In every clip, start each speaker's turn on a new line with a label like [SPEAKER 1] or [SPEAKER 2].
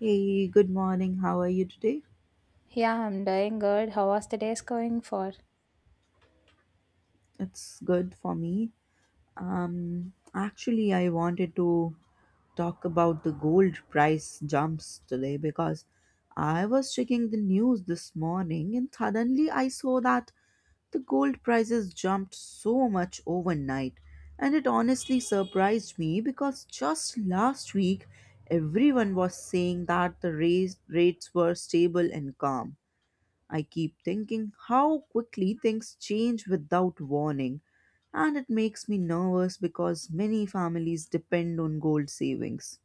[SPEAKER 1] Hey, good morning. How are you today?
[SPEAKER 2] Yeah, I'm doing good. How was the day's going for?
[SPEAKER 1] It's good for me. Actually, I wanted to talk about the gold price jumps today because I was checking the news this morning and suddenly I saw that the gold prices jumped so much overnight. And it honestly surprised me because just last week everyone was saying that the rates were stable and calm. I keep thinking how quickly things change without warning, and it makes me nervous because many families depend on gold savings.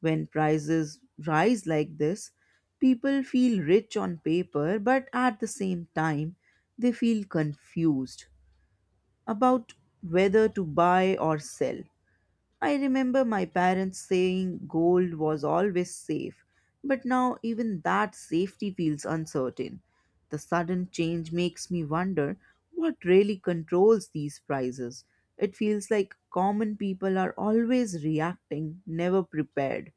[SPEAKER 1] When prices rise like this, people feel rich on paper, but at the same time, they feel confused about whether to buy or sell. I remember my parents saying gold was always safe, but now even that safety feels uncertain. The sudden change makes me wonder what really controls these prices. It feels like common people are always reacting, never prepared.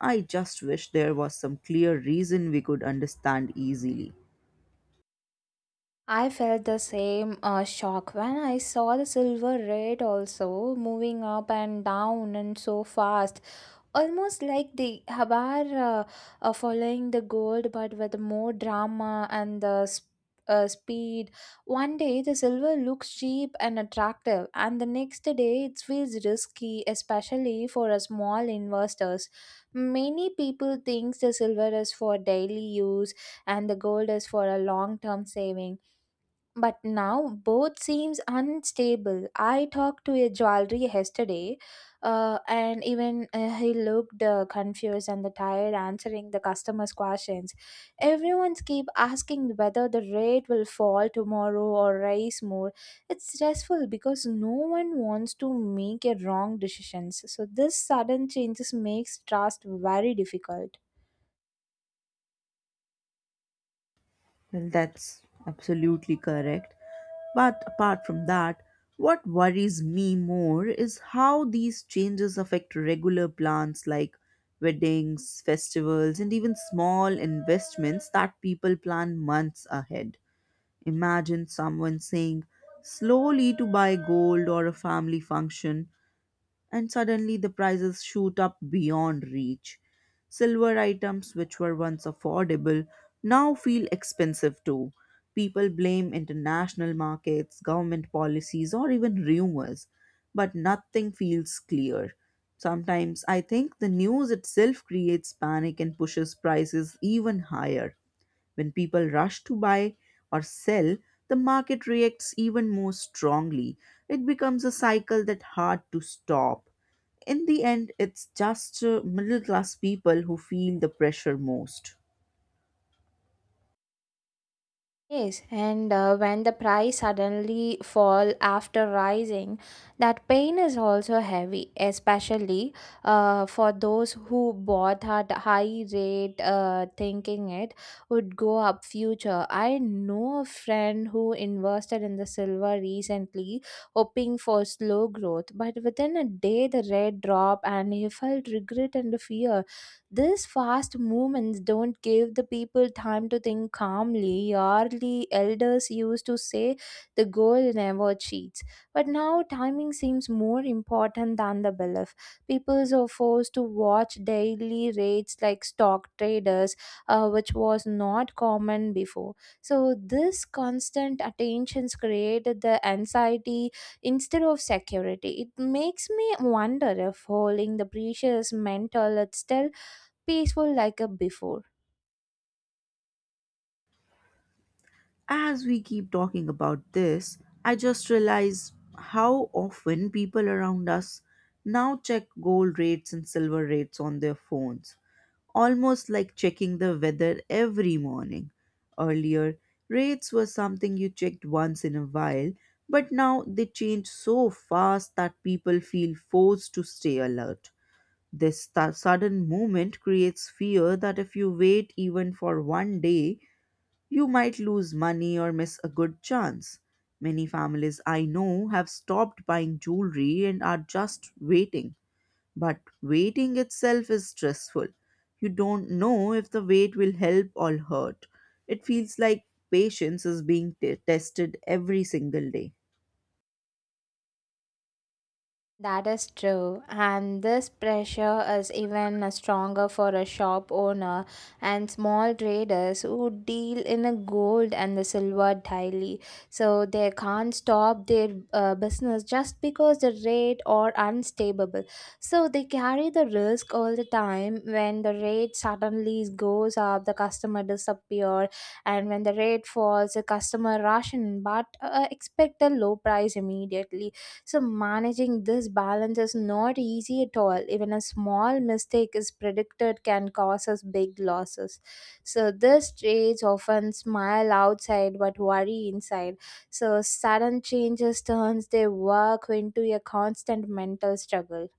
[SPEAKER 1] I just wish there was some clear reason we could understand easily.
[SPEAKER 2] I felt the same shock when I saw the silver red also moving up and down and so fast. Almost like the Habar following the gold, but with more drama and the speed. One day the silver looks cheap and attractive, and the next day it feels risky, especially for a small investors. Many people think the silver is for daily use and the gold is for a long term saving but now both seems unstable. I talked to a jewelry yesterday, and even he looked confused and tired answering the customers' questions. Everyone's keep asking whether the rate will fall tomorrow or rise more. It's stressful because no one wants to make a wrong decisions. So this sudden changes makes trust very difficult.
[SPEAKER 1] Well, that's absolutely correct. But apart from that, what worries me more is how these changes affect regular plans like weddings, festivals, and even small investments that people plan months ahead. Imagine someone saying slowly to buy gold or a family function and suddenly the prices shoot up beyond reach. Silver items, which were once affordable, now feel expensive too. People blame international markets, government policies, or even rumors, but nothing feels clear. Sometimes I think the news itself creates panic and pushes prices even higher. When people rush to buy or sell, the market reacts even more strongly. It becomes a cycle that's hard to stop. In the end, it's just middle class people who feel the pressure most.
[SPEAKER 2] Yes, and when the price suddenly fall after rising, that pain is also heavy, especially for those who bought at high rate, thinking it would go up future. I know a friend who invested in the silver recently, hoping for slow growth, but within a day the rate dropped, and he felt regret and fear these fast movements don't give the people time to think calmly. Early elders used to say the goal never cheats. But now timing seems more important than the belief. People are forced to watch daily rates like stock traders, which was not common before. So this constant attentions created the anxiety instead of security. It makes me wonder if holding the precious mental is still peaceful like a before.
[SPEAKER 1] As we keep talking about this, I just realize how often people around us now check gold rates and silver rates on their phones, almost like checking the weather every morning. Earlier, rates were something you checked once in a while, but now they change so fast that people feel forced to stay alert. This sudden movement creates fear that if you wait even for one day, you might lose money or miss a good chance. Many families I know have stopped buying jewelry and are just waiting. But waiting itself is stressful. You don't know if the wait will help or hurt. It feels like patience is being tested every single day.
[SPEAKER 2] That is true, and this pressure is even stronger for a shop owner and small traders who deal in the gold and the silver daily. So they can't stop their business just because the rate are unstable. So they carry the risk all the time. When the rate suddenly goes up, the customer disappear, and when the rate falls, the customer rush in but expect a low price immediately. So, managing this balance is not easy at all. Even a small mistake is predicted can cause us big losses. So, these traits often smile outside but worry inside. So, sudden changes turns their work into a constant mental struggle.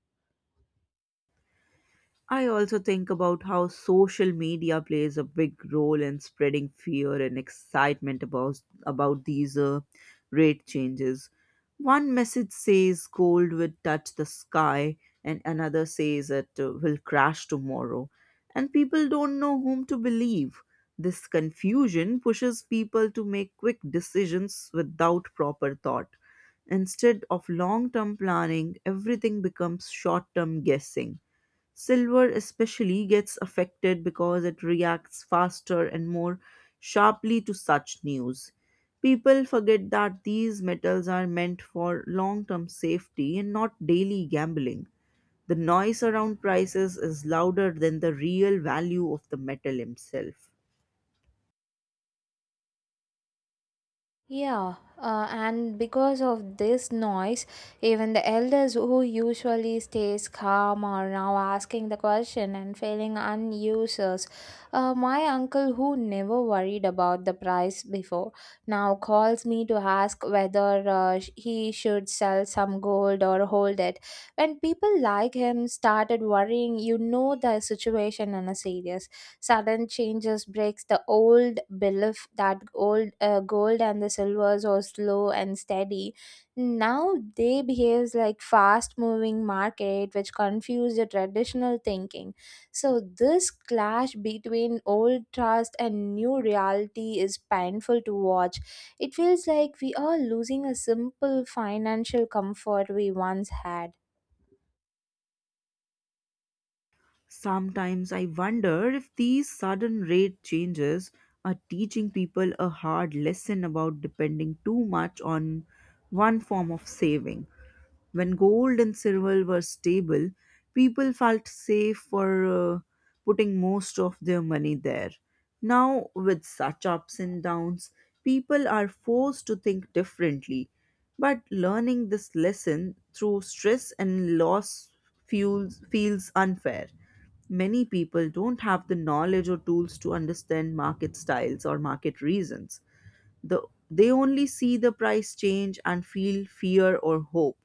[SPEAKER 1] I also think about how social media plays a big role in spreading fear and excitement about these rate changes. One message says gold will touch the sky, and another says it will crash tomorrow, and people don't know whom to believe. This confusion pushes people to make quick decisions without proper thought. Instead of long term planning, everything becomes short term guessing. Silver especially gets affected because it reacts faster and more sharply to such news. People forget that these metals are meant for long term safety and not daily gambling. The noise around prices is louder than the real value of the metal itself.
[SPEAKER 2] Yeah, and because of this noise, even the elders who usually stays calm are now asking the question and feeling unusers. My uncle, who never worried about the price before, now calls me to ask whether he should sell some gold or hold it. When people like him started worrying, you know the situation in a serious sudden changes breaks the old belief that old gold and the silvers are slow and steady. Now they behaves like fast moving market which confuse the traditional thinking. So this clash between old trust and new reality is painful to watch. It feels like we are losing a simple financial comfort we once had.
[SPEAKER 1] Sometimes I wonder if these sudden rate changes are teaching people a hard lesson about depending too much on one form of saving. When gold and silver were stable, people felt safe for putting most of their money there. Now, with such ups and downs, people are forced to think differently. But learning this lesson through stress and loss feels unfair. Many people don't have the knowledge or tools to understand market styles or market reasons. the they only see the price change and feel fear or hope.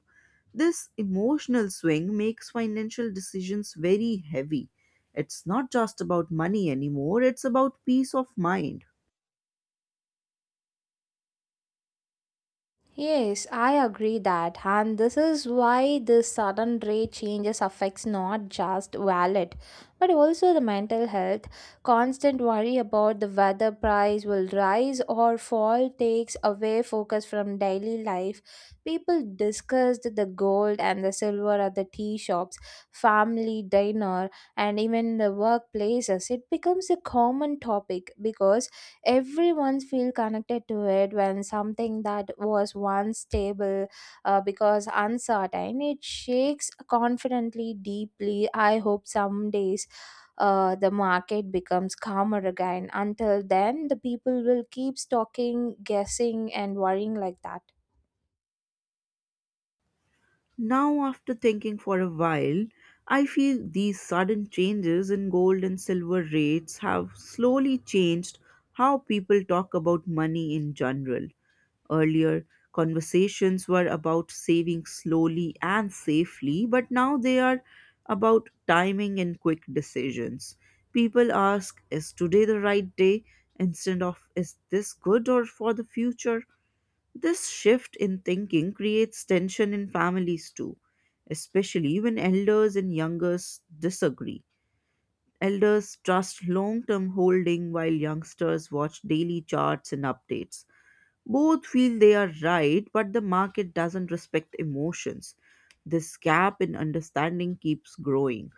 [SPEAKER 1] This emotional swing makes financial decisions very heavy. It's not just about money anymore, it's about peace of mind.
[SPEAKER 2] Yes, I agree that, and this is why this sudden rate changes affects not just wallet, but also the mental health. Constant worry about the weather price will rise or fall takes away focus from daily life. People discussed the gold and the silver at the tea shops, family dinner, and even the workplaces. It becomes a common topic because everyone feel connected to it when something that was once stable because uncertain it shakes confidently deeply. I hope some days the market becomes calmer again. Until then the people will keep stocking guessing and worrying like that.
[SPEAKER 1] Now, after thinking for a while, I feel these sudden changes in gold and silver rates have slowly changed how people talk about money in general. Earlier, conversations were about saving slowly and safely, but now they are about timing and quick decisions. People ask, "Is today the right day?" instead of, "Is this good or for the future?" This shift in thinking creates tension in families too, especially when elders and youngers disagree. Elders trust long term holding while youngsters watch daily charts and updates. Both feel they are right, but the market doesn't respect emotions. This gap in understanding keeps growing.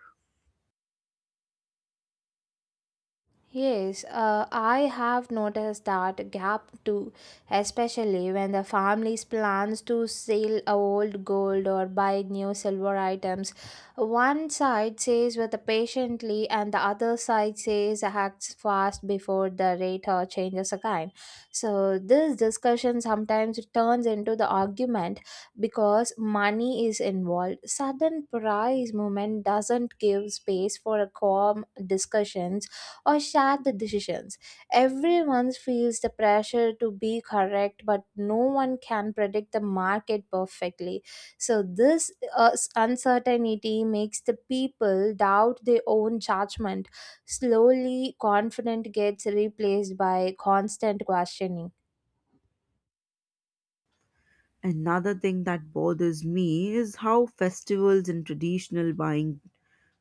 [SPEAKER 2] Yes, I have noticed that gap too, especially when the family's plans to sell old gold or buy new silver items. One side says with the patiently, and the other side says acts fast before the rate or changes again. So this discussion sometimes turns into the argument because money is involved. Sudden price movement doesn't give space for a calm discussions or share the decisions. Everyone feels the pressure to be correct, but no one can predict the market perfectly. So, this uncertainty makes the people doubt their own judgment. Slowly, confidence gets replaced by constant questioning.
[SPEAKER 1] Another thing that bothers me is how festivals and traditional buying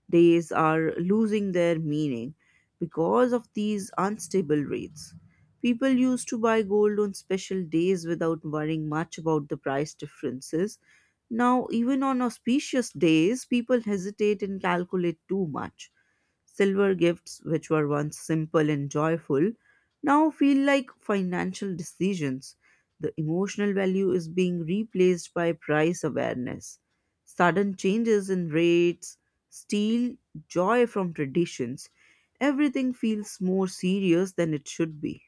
[SPEAKER 1] days are losing their meaning because of these unstable rates. People used to buy gold on special days without worrying much about the price differences. Now, even on auspicious days, people hesitate and calculate too much. Silver gifts, which were once simple and joyful, now feel like financial decisions. The emotional value is being replaced by price awareness. Sudden changes in rates steal joy from traditions. Everything feels more serious than it should be.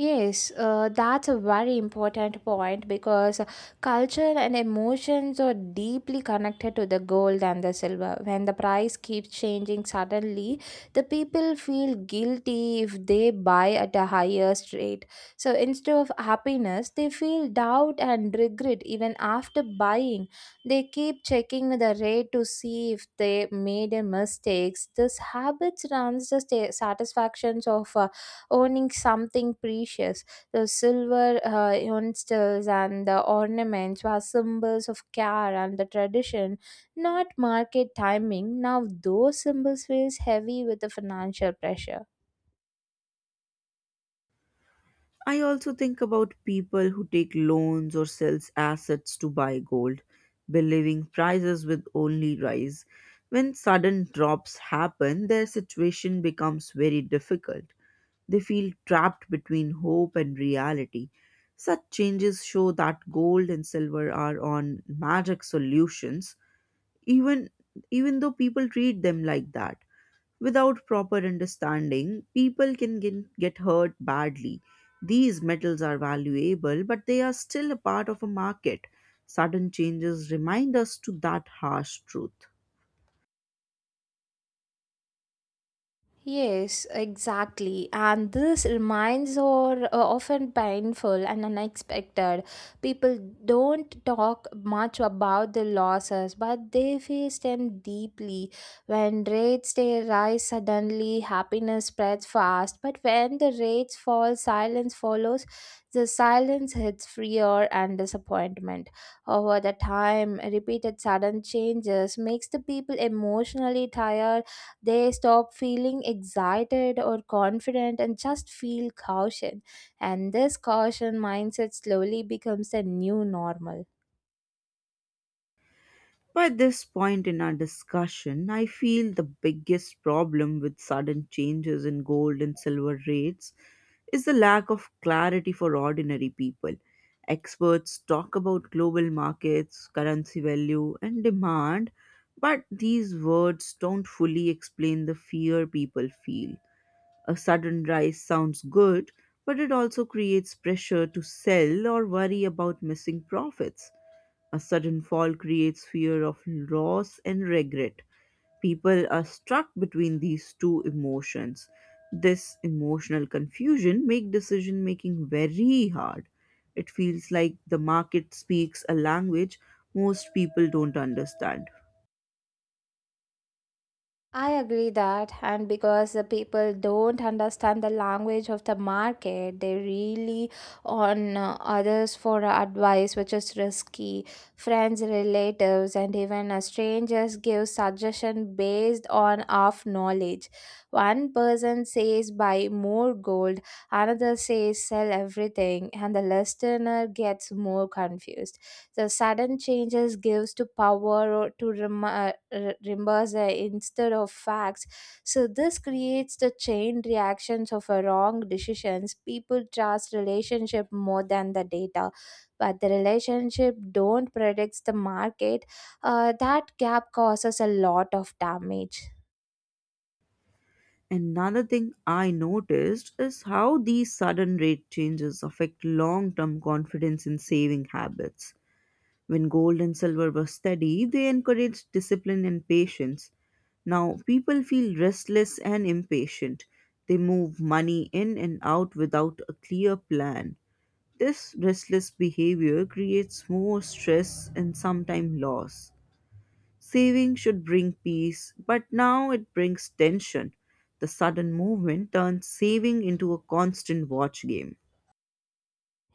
[SPEAKER 2] Yes, that's a very important point because culture and emotions are deeply connected to the gold and the silver. When the price keeps changing suddenly, the people feel guilty if they buy at a higher rate. So instead of happiness, they feel doubt and regret even after buying. They keep checking the rate to see if they made a mistakes. This habit runs the satisfactions of owning something precious. The silver utensils and the ornaments were symbols of care and the tradition, not market timing. Now, those symbols feels heavy with the financial pressure.
[SPEAKER 1] I also think about people who take loans or sells assets to buy gold, believing prices will only rise. When sudden drops happen, their situation becomes very difficult. They feel trapped between hope and reality. Such changes show that gold and silver are on magic solutions, even even though people treat them like that. Without proper understanding, people can get hurt badly. These metals are valuable, but they are still a part of a market. Sudden changes remind us to that harsh truth.
[SPEAKER 2] Yes, exactly. And this reminds are often painful and unexpected. People don't talk much about the losses, but they face them deeply. When rates they rise suddenly, happiness spreads fast. But when the rates fall, silence follows. The silence hits fear and disappointment. Over the time, repeated sudden changes makes the people emotionally tired. They stop feeling excited or confident and just feel caution. And this caution mindset slowly becomes the new normal.
[SPEAKER 1] By this point in our discussion, I feel the biggest problem with sudden changes in gold and silver rates is the lack of clarity for ordinary people. Experts talk about global markets, currency value, and demand, but these words don't fully explain the fear people feel. A sudden rise sounds good, but it also creates pressure to sell or worry about missing profits. A sudden fall creates fear of loss and regret. People are stuck between these two emotions. This emotional confusion make decision making very hard. It feels like the market speaks a language most people don't understand.
[SPEAKER 2] I agree that, and because the people don't understand the language of the market, they really on others for advice, which is risky. Friends, relatives, and even strangers give suggestion based on off knowledge. One person says buy more gold, another says sell everything, and the listener gets more confused. The sudden changes gives to power to remorse, instead of facts. So this creates the chain reactions of a wrong decisions. People trust relationship more than the data, but the relationship don't predicts the market. That gap causes a lot of damage.
[SPEAKER 1] Another thing I noticed is how these sudden rate changes affect long term confidence in saving habits. When gold and silver were steady, they encouraged discipline and patience. Now people feel restless and impatient. They move money in and out without a clear plan. This restless behavior creates more stress and sometimes loss. Saving should bring peace, but now it brings tension. The sudden movement turns saving into a constant watch game.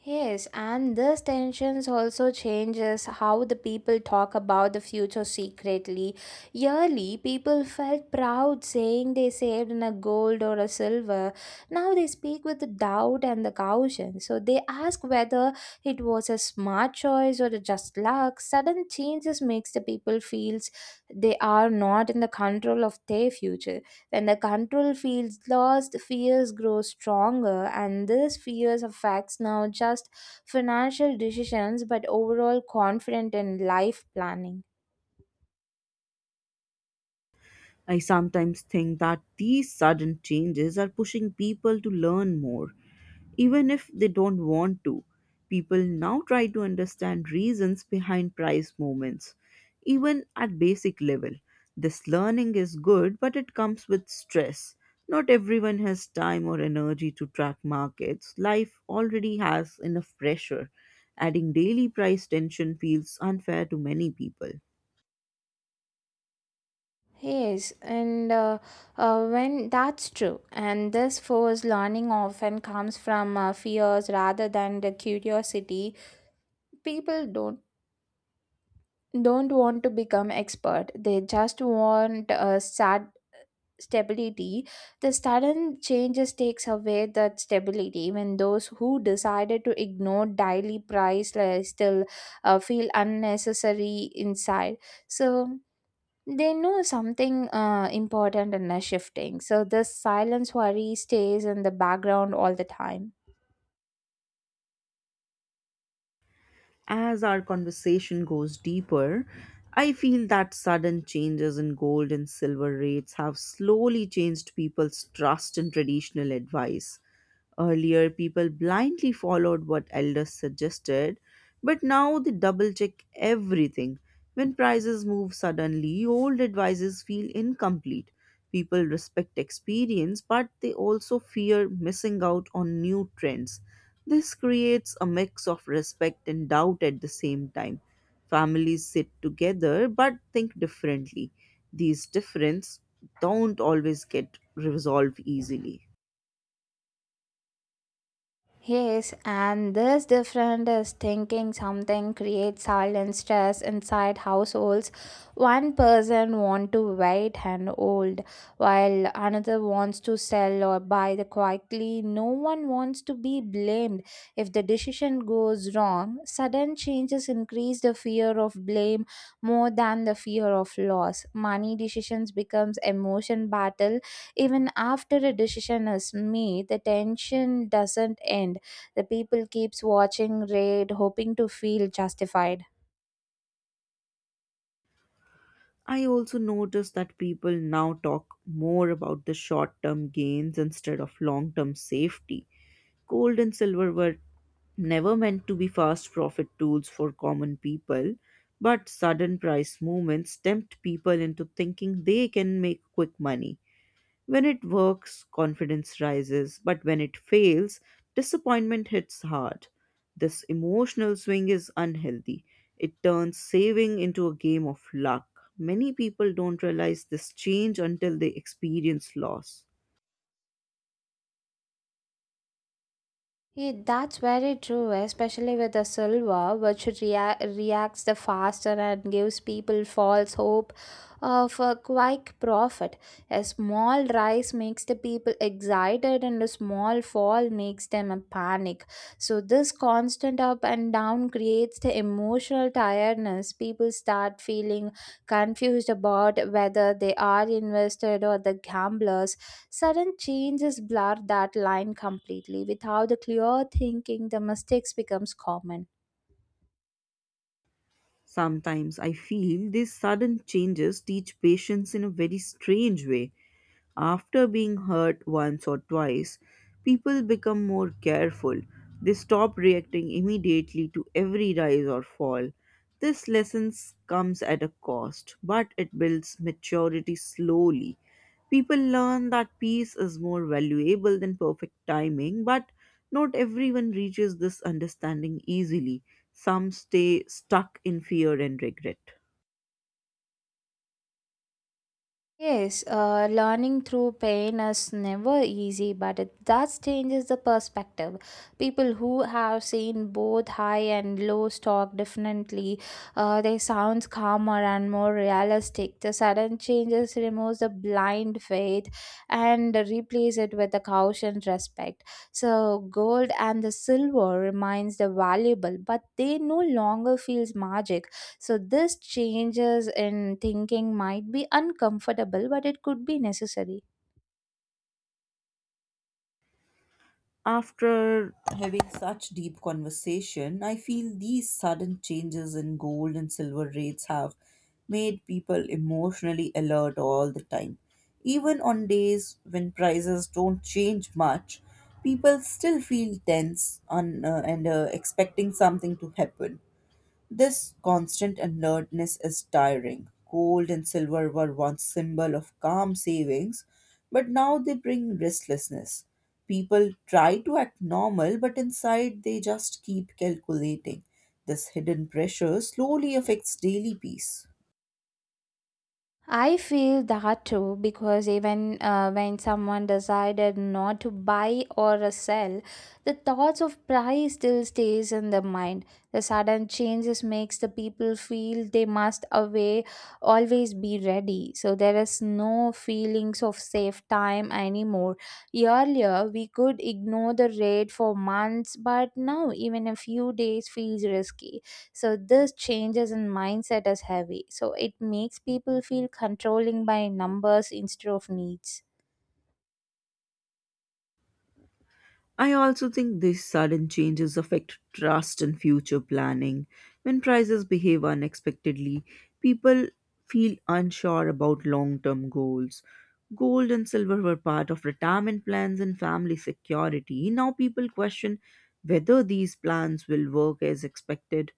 [SPEAKER 2] Yes, and these tensions also changes how the people talk about the future secretly. Yearly, people felt proud saying they saved in a gold or a silver. Now they speak with the doubt and the caution. So they ask whether it was a smart choice or a just luck. Sudden changes makes the people feels they are not in the control of their future. When the control feels lost, fears grow stronger, and this fears affects now just financial decisions but overall confidence in life planning.
[SPEAKER 1] I sometimes think that these sudden changes are pushing people to learn more, even if they don't want to. People now try to understand reasons behind price movements, even at basic level. This learning is good, but it comes with stress. Not everyone has time or energy to track markets. Life already has enough pressure. Adding daily price tension feels unfair to many people.
[SPEAKER 2] Yes, and when that's true, and this forced learning often comes from fears rather than the curiosity. People don't want to become expert; they just want a start stability. The sudden changes takes away that stability when those who decided to ignore daily price like, still feel unnecessary inside. So they know something important and are shifting. So this silence worry stays in the background all the time.
[SPEAKER 1] As our conversation goes deeper, I feel that sudden changes in gold and silver rates have slowly changed people's trust in traditional advice. Earlier, people blindly followed what elders suggested, but now they double check everything. When prices move suddenly, old advices feel incomplete. People respect experience, but they also fear missing out on new trends. This creates a mix of respect and doubt at the same time. Families sit together but think differently. These differences don't always get resolved easily.
[SPEAKER 2] Yes, and this different is thinking something creates silent stress inside households. One person wants to wait and hold, while another wants to sell or buy the quietly. No one wants to be blamed if the decision goes wrong. Sudden changes increase the fear of blame more than the fear of loss. Money decisions becomes emotion battle. Even after a decision is made, the tension doesn't end. The people keeps watching Raid, hoping to feel justified.
[SPEAKER 1] I also notice that people now talk more about the short term gains instead of long term safety. Gold and silver were never meant to be fast profit tools for common people, but sudden price movements tempt people into thinking they can make quick money. When it works, confidence rises, but when it fails, disappointment hits hard. This emotional swing is unhealthy. It turns saving into a game of luck. Many people don't realize this change until they experience loss.
[SPEAKER 2] Yeah, that's very true, especially with the silver, which reacts the faster and gives people false hope of a quick profit. A small rise makes the people excited, and a small fall makes them a panic. So this constant up and down creates the emotional tiredness. People start feeling confused about whether they are invested or the gamblers. Sudden changes blur that line completely. Without the clear thinking, the mistakes becomes common.
[SPEAKER 1] Sometimes I feel these sudden changes teach patience in a very strange way. After being hurt once or twice, people become more careful. They stop reacting immediately to every rise or fall. This lesson comes at a cost, but it builds maturity slowly. People learn that peace is more valuable than perfect timing, but not everyone reaches this understanding easily. Some stay stuck in fear and regret.
[SPEAKER 2] Yes, learning through pain is never easy, but it does changes the perspective. People who have seen both high and low stock definitely, they sound calmer and more realistic. The sudden changes removes the blind faith and replace it with the caution respect. So gold and the silver remains the valuable, but they no longer feels magic. So, this changes in thinking might be uncomfortable, but it could be necessary.
[SPEAKER 1] After having such deep conversation, I feel these sudden changes in gold and silver rates have made people emotionally alert all the time. Even on days when prices don't change much, people still feel tense and expecting something to happen. This constant alertness is tiring. Gold and silver were once symbol of calm savings, but now they bring restlessness. People try to act normal, but inside they just keep calculating. This hidden pressure slowly affects daily peace.
[SPEAKER 2] I feel that too because even when someone decided not to buy or sell, the thoughts of price still stays in the mind. The sudden changes makes the people feel they must away always be ready. So there is no feelings of safe time anymore. Earlier we could ignore the rate for months, but now even a few days feels risky. So this changes in mindset as heavy, so it makes people feel controlling by numbers instead of needs.
[SPEAKER 1] I also think these sudden changes affect trust in future planning. When prices behave unexpectedly, people feel unsure about long term goals. Gold and silver were part of retirement plans and family security. Now people question whether these plans will work as expected.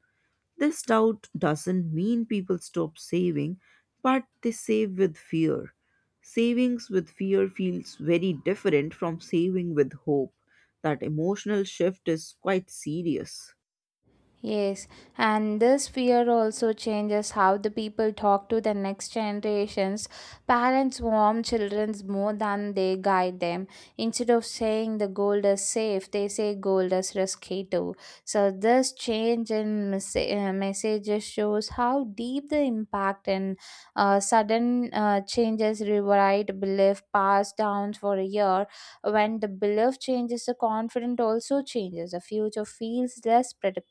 [SPEAKER 1] This doubt doesn't mean people stop saving, but they save with fear. Savings with fear feels very different from saving with hope. That emotional shift is quite serious.
[SPEAKER 2] Yes, and this fear also changes how the people talk to the next generations. Parents warn children more than they guide them. Instead of saying the gold is safe, they say gold is risky too. So, this change in messages shows how deep the impact and sudden changes rewrite belief passed down for a year. When the belief changes, the confidence also changes. The future feels less predictable.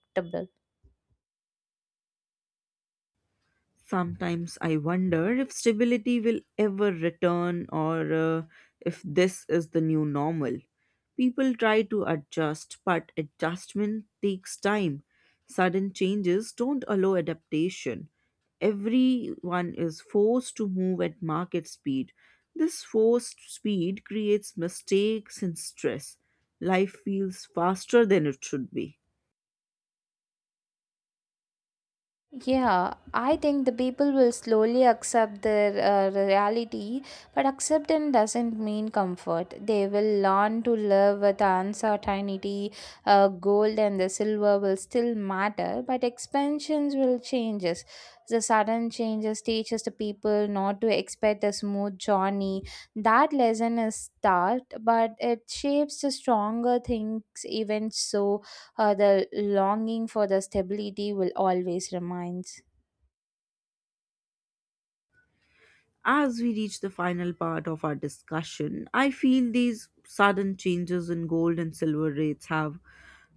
[SPEAKER 1] Sometimes I wonder if stability will ever return, or if this is the new normal. People try to adjust, but adjustment takes time. Sudden changes don't allow adaptation. Everyone is forced to move at market speed. This forced speed creates mistakes and stress. Life feels faster than it should be.
[SPEAKER 2] Yeah, I think the people will slowly accept their reality, but acceptance doesn't mean comfort. They will learn to live with uncertainty. Gold and the silver will still matter, but expansions will change us. The sudden changes teaches the people not to expect a smooth journey. That lesson is taught, but it shapes the stronger things. Even so, the longing for the stability will always remain.
[SPEAKER 1] As we reach the final part of our discussion, I feel these sudden changes in gold and silver rates have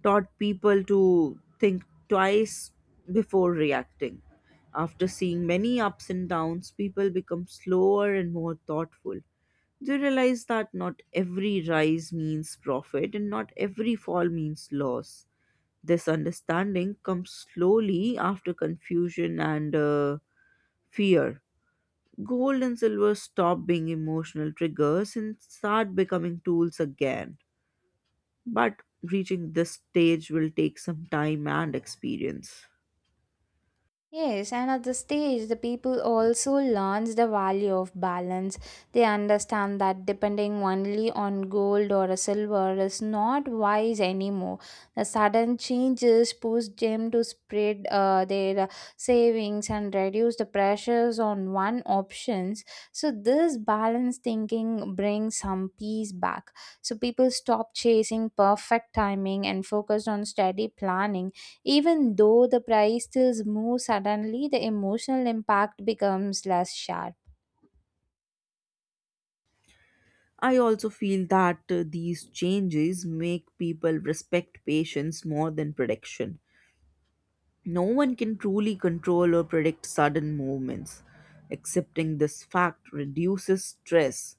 [SPEAKER 1] taught people to think twice before reacting. After seeing many ups and downs, people become slower and more thoughtful. They realize that not every rise means profit and not every fall means loss. This understanding comes slowly after confusion and fear. Gold and silver stop being emotional triggers and start becoming tools again. But reaching this stage will take some time and experience.
[SPEAKER 2] Yes, and at the stage, the people also learns the value of balance. They understand that depending only on gold or silver is not wise anymore. The sudden changes push them to spread their savings and reduce the pressures on one options. So this balance thinking brings some peace back. So people stop chasing perfect timing and focus on steady planning. Even though the prices move suddenly, the emotional impact becomes less sharp.
[SPEAKER 1] I also feel that these changes make people respect patience more than prediction. No one can truly control or predict sudden movements. Accepting this fact reduces stress.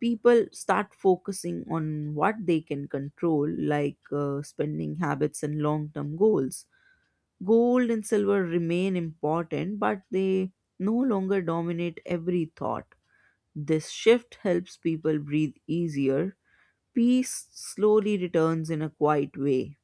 [SPEAKER 1] People start focusing on what they can control, like spending habits and long term goals. Gold and silver remain important, but they no longer dominate every thought. This shift helps people breathe easier. Peace slowly returns in a quiet way.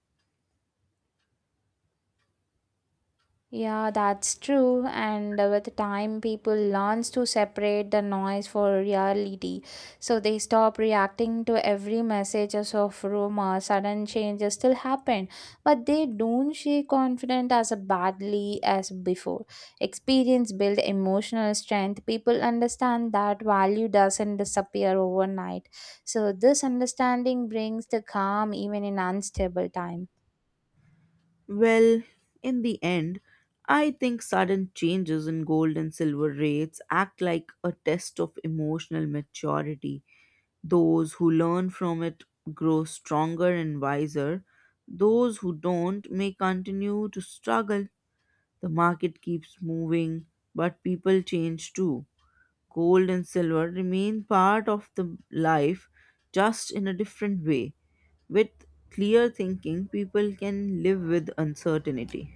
[SPEAKER 2] Yeah, that's true. And with time, people learns to separate the noise for reality. So they stop reacting to every messages of rumor. Sudden changes still happen, but they don't shake confident as badly as before. Experience build emotional strength. People understand that value doesn't disappear overnight. So this understanding brings the calm even in unstable times.
[SPEAKER 1] Well, in the end, I think sudden changes in gold and silver rates act like a test of emotional maturity. Those who learn from it grow stronger and wiser. Those who don't may continue to struggle. The market keeps moving, but people change too. Gold and silver remain part of the life, just in a different way. With clear thinking, people can live with uncertainty.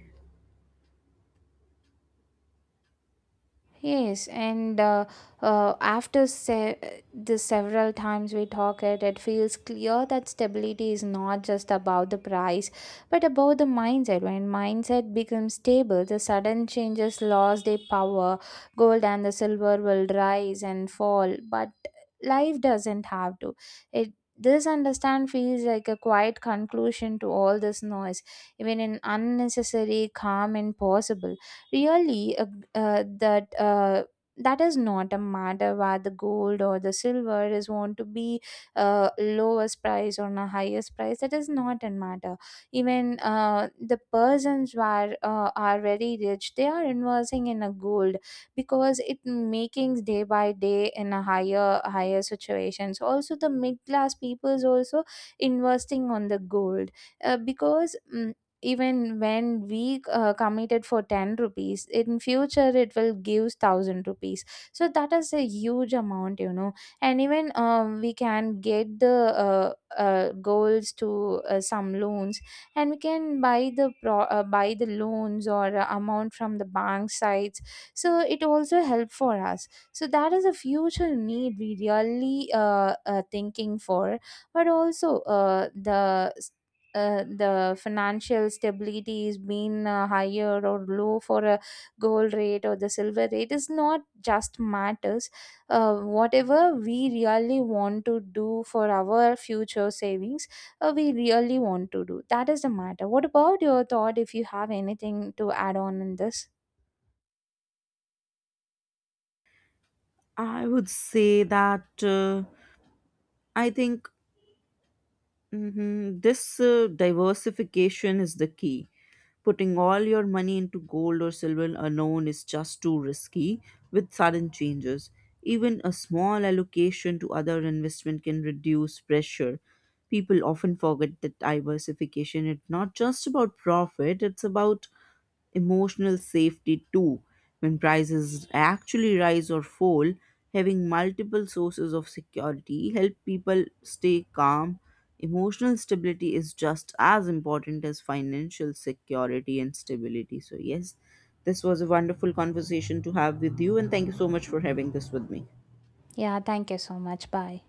[SPEAKER 2] Yes, and after the several times we talk it, it feels clear that stability is not just about the price, but about the mindset. When mindset becomes stable, the sudden changes lost their power. Gold and the silver will rise and fall, but life doesn't have to. It this understand feels like a quiet conclusion to all this noise, even an unnecessary calm and possible really uh, that uh, that is not a matter whether the gold or the silver is want to be lowest price or a highest price. That is not a matter. Even the persons who are very rich they are investing in a gold because it making day by day in a higher higher situations. Also the mid class peoples also investing on the gold because even when we committed for 10 rupees in future it will give 1,000 rupees. So that is a huge amount, you know. And even we can get the goals to some loans, and we can buy the buy the loans or amount from the bank sites. So it also help for us. So that is a future need we really thinking for. But also the financial stability is being higher or low for a gold rate or the silver rate is not just matters. Whatever we really want to do for our future savings, we really want to do, that is the matter. What about your thought, if you have anything to add on in this?
[SPEAKER 1] I would say that I think this diversification is the key. Putting all your money into gold or silver alone is just too risky with sudden changes. Even a small allocation to other investment can reduce pressure. People often forget that diversification is not just about profit, it's about emotional safety too. When prices actually rise or fall, having multiple sources of security help people stay calm. Emotional stability is just as important as financial security and stability. So yes, this was a wonderful conversation to have with you and thank you so much for having this with me.
[SPEAKER 2] Yeah, thank you so much. Bye.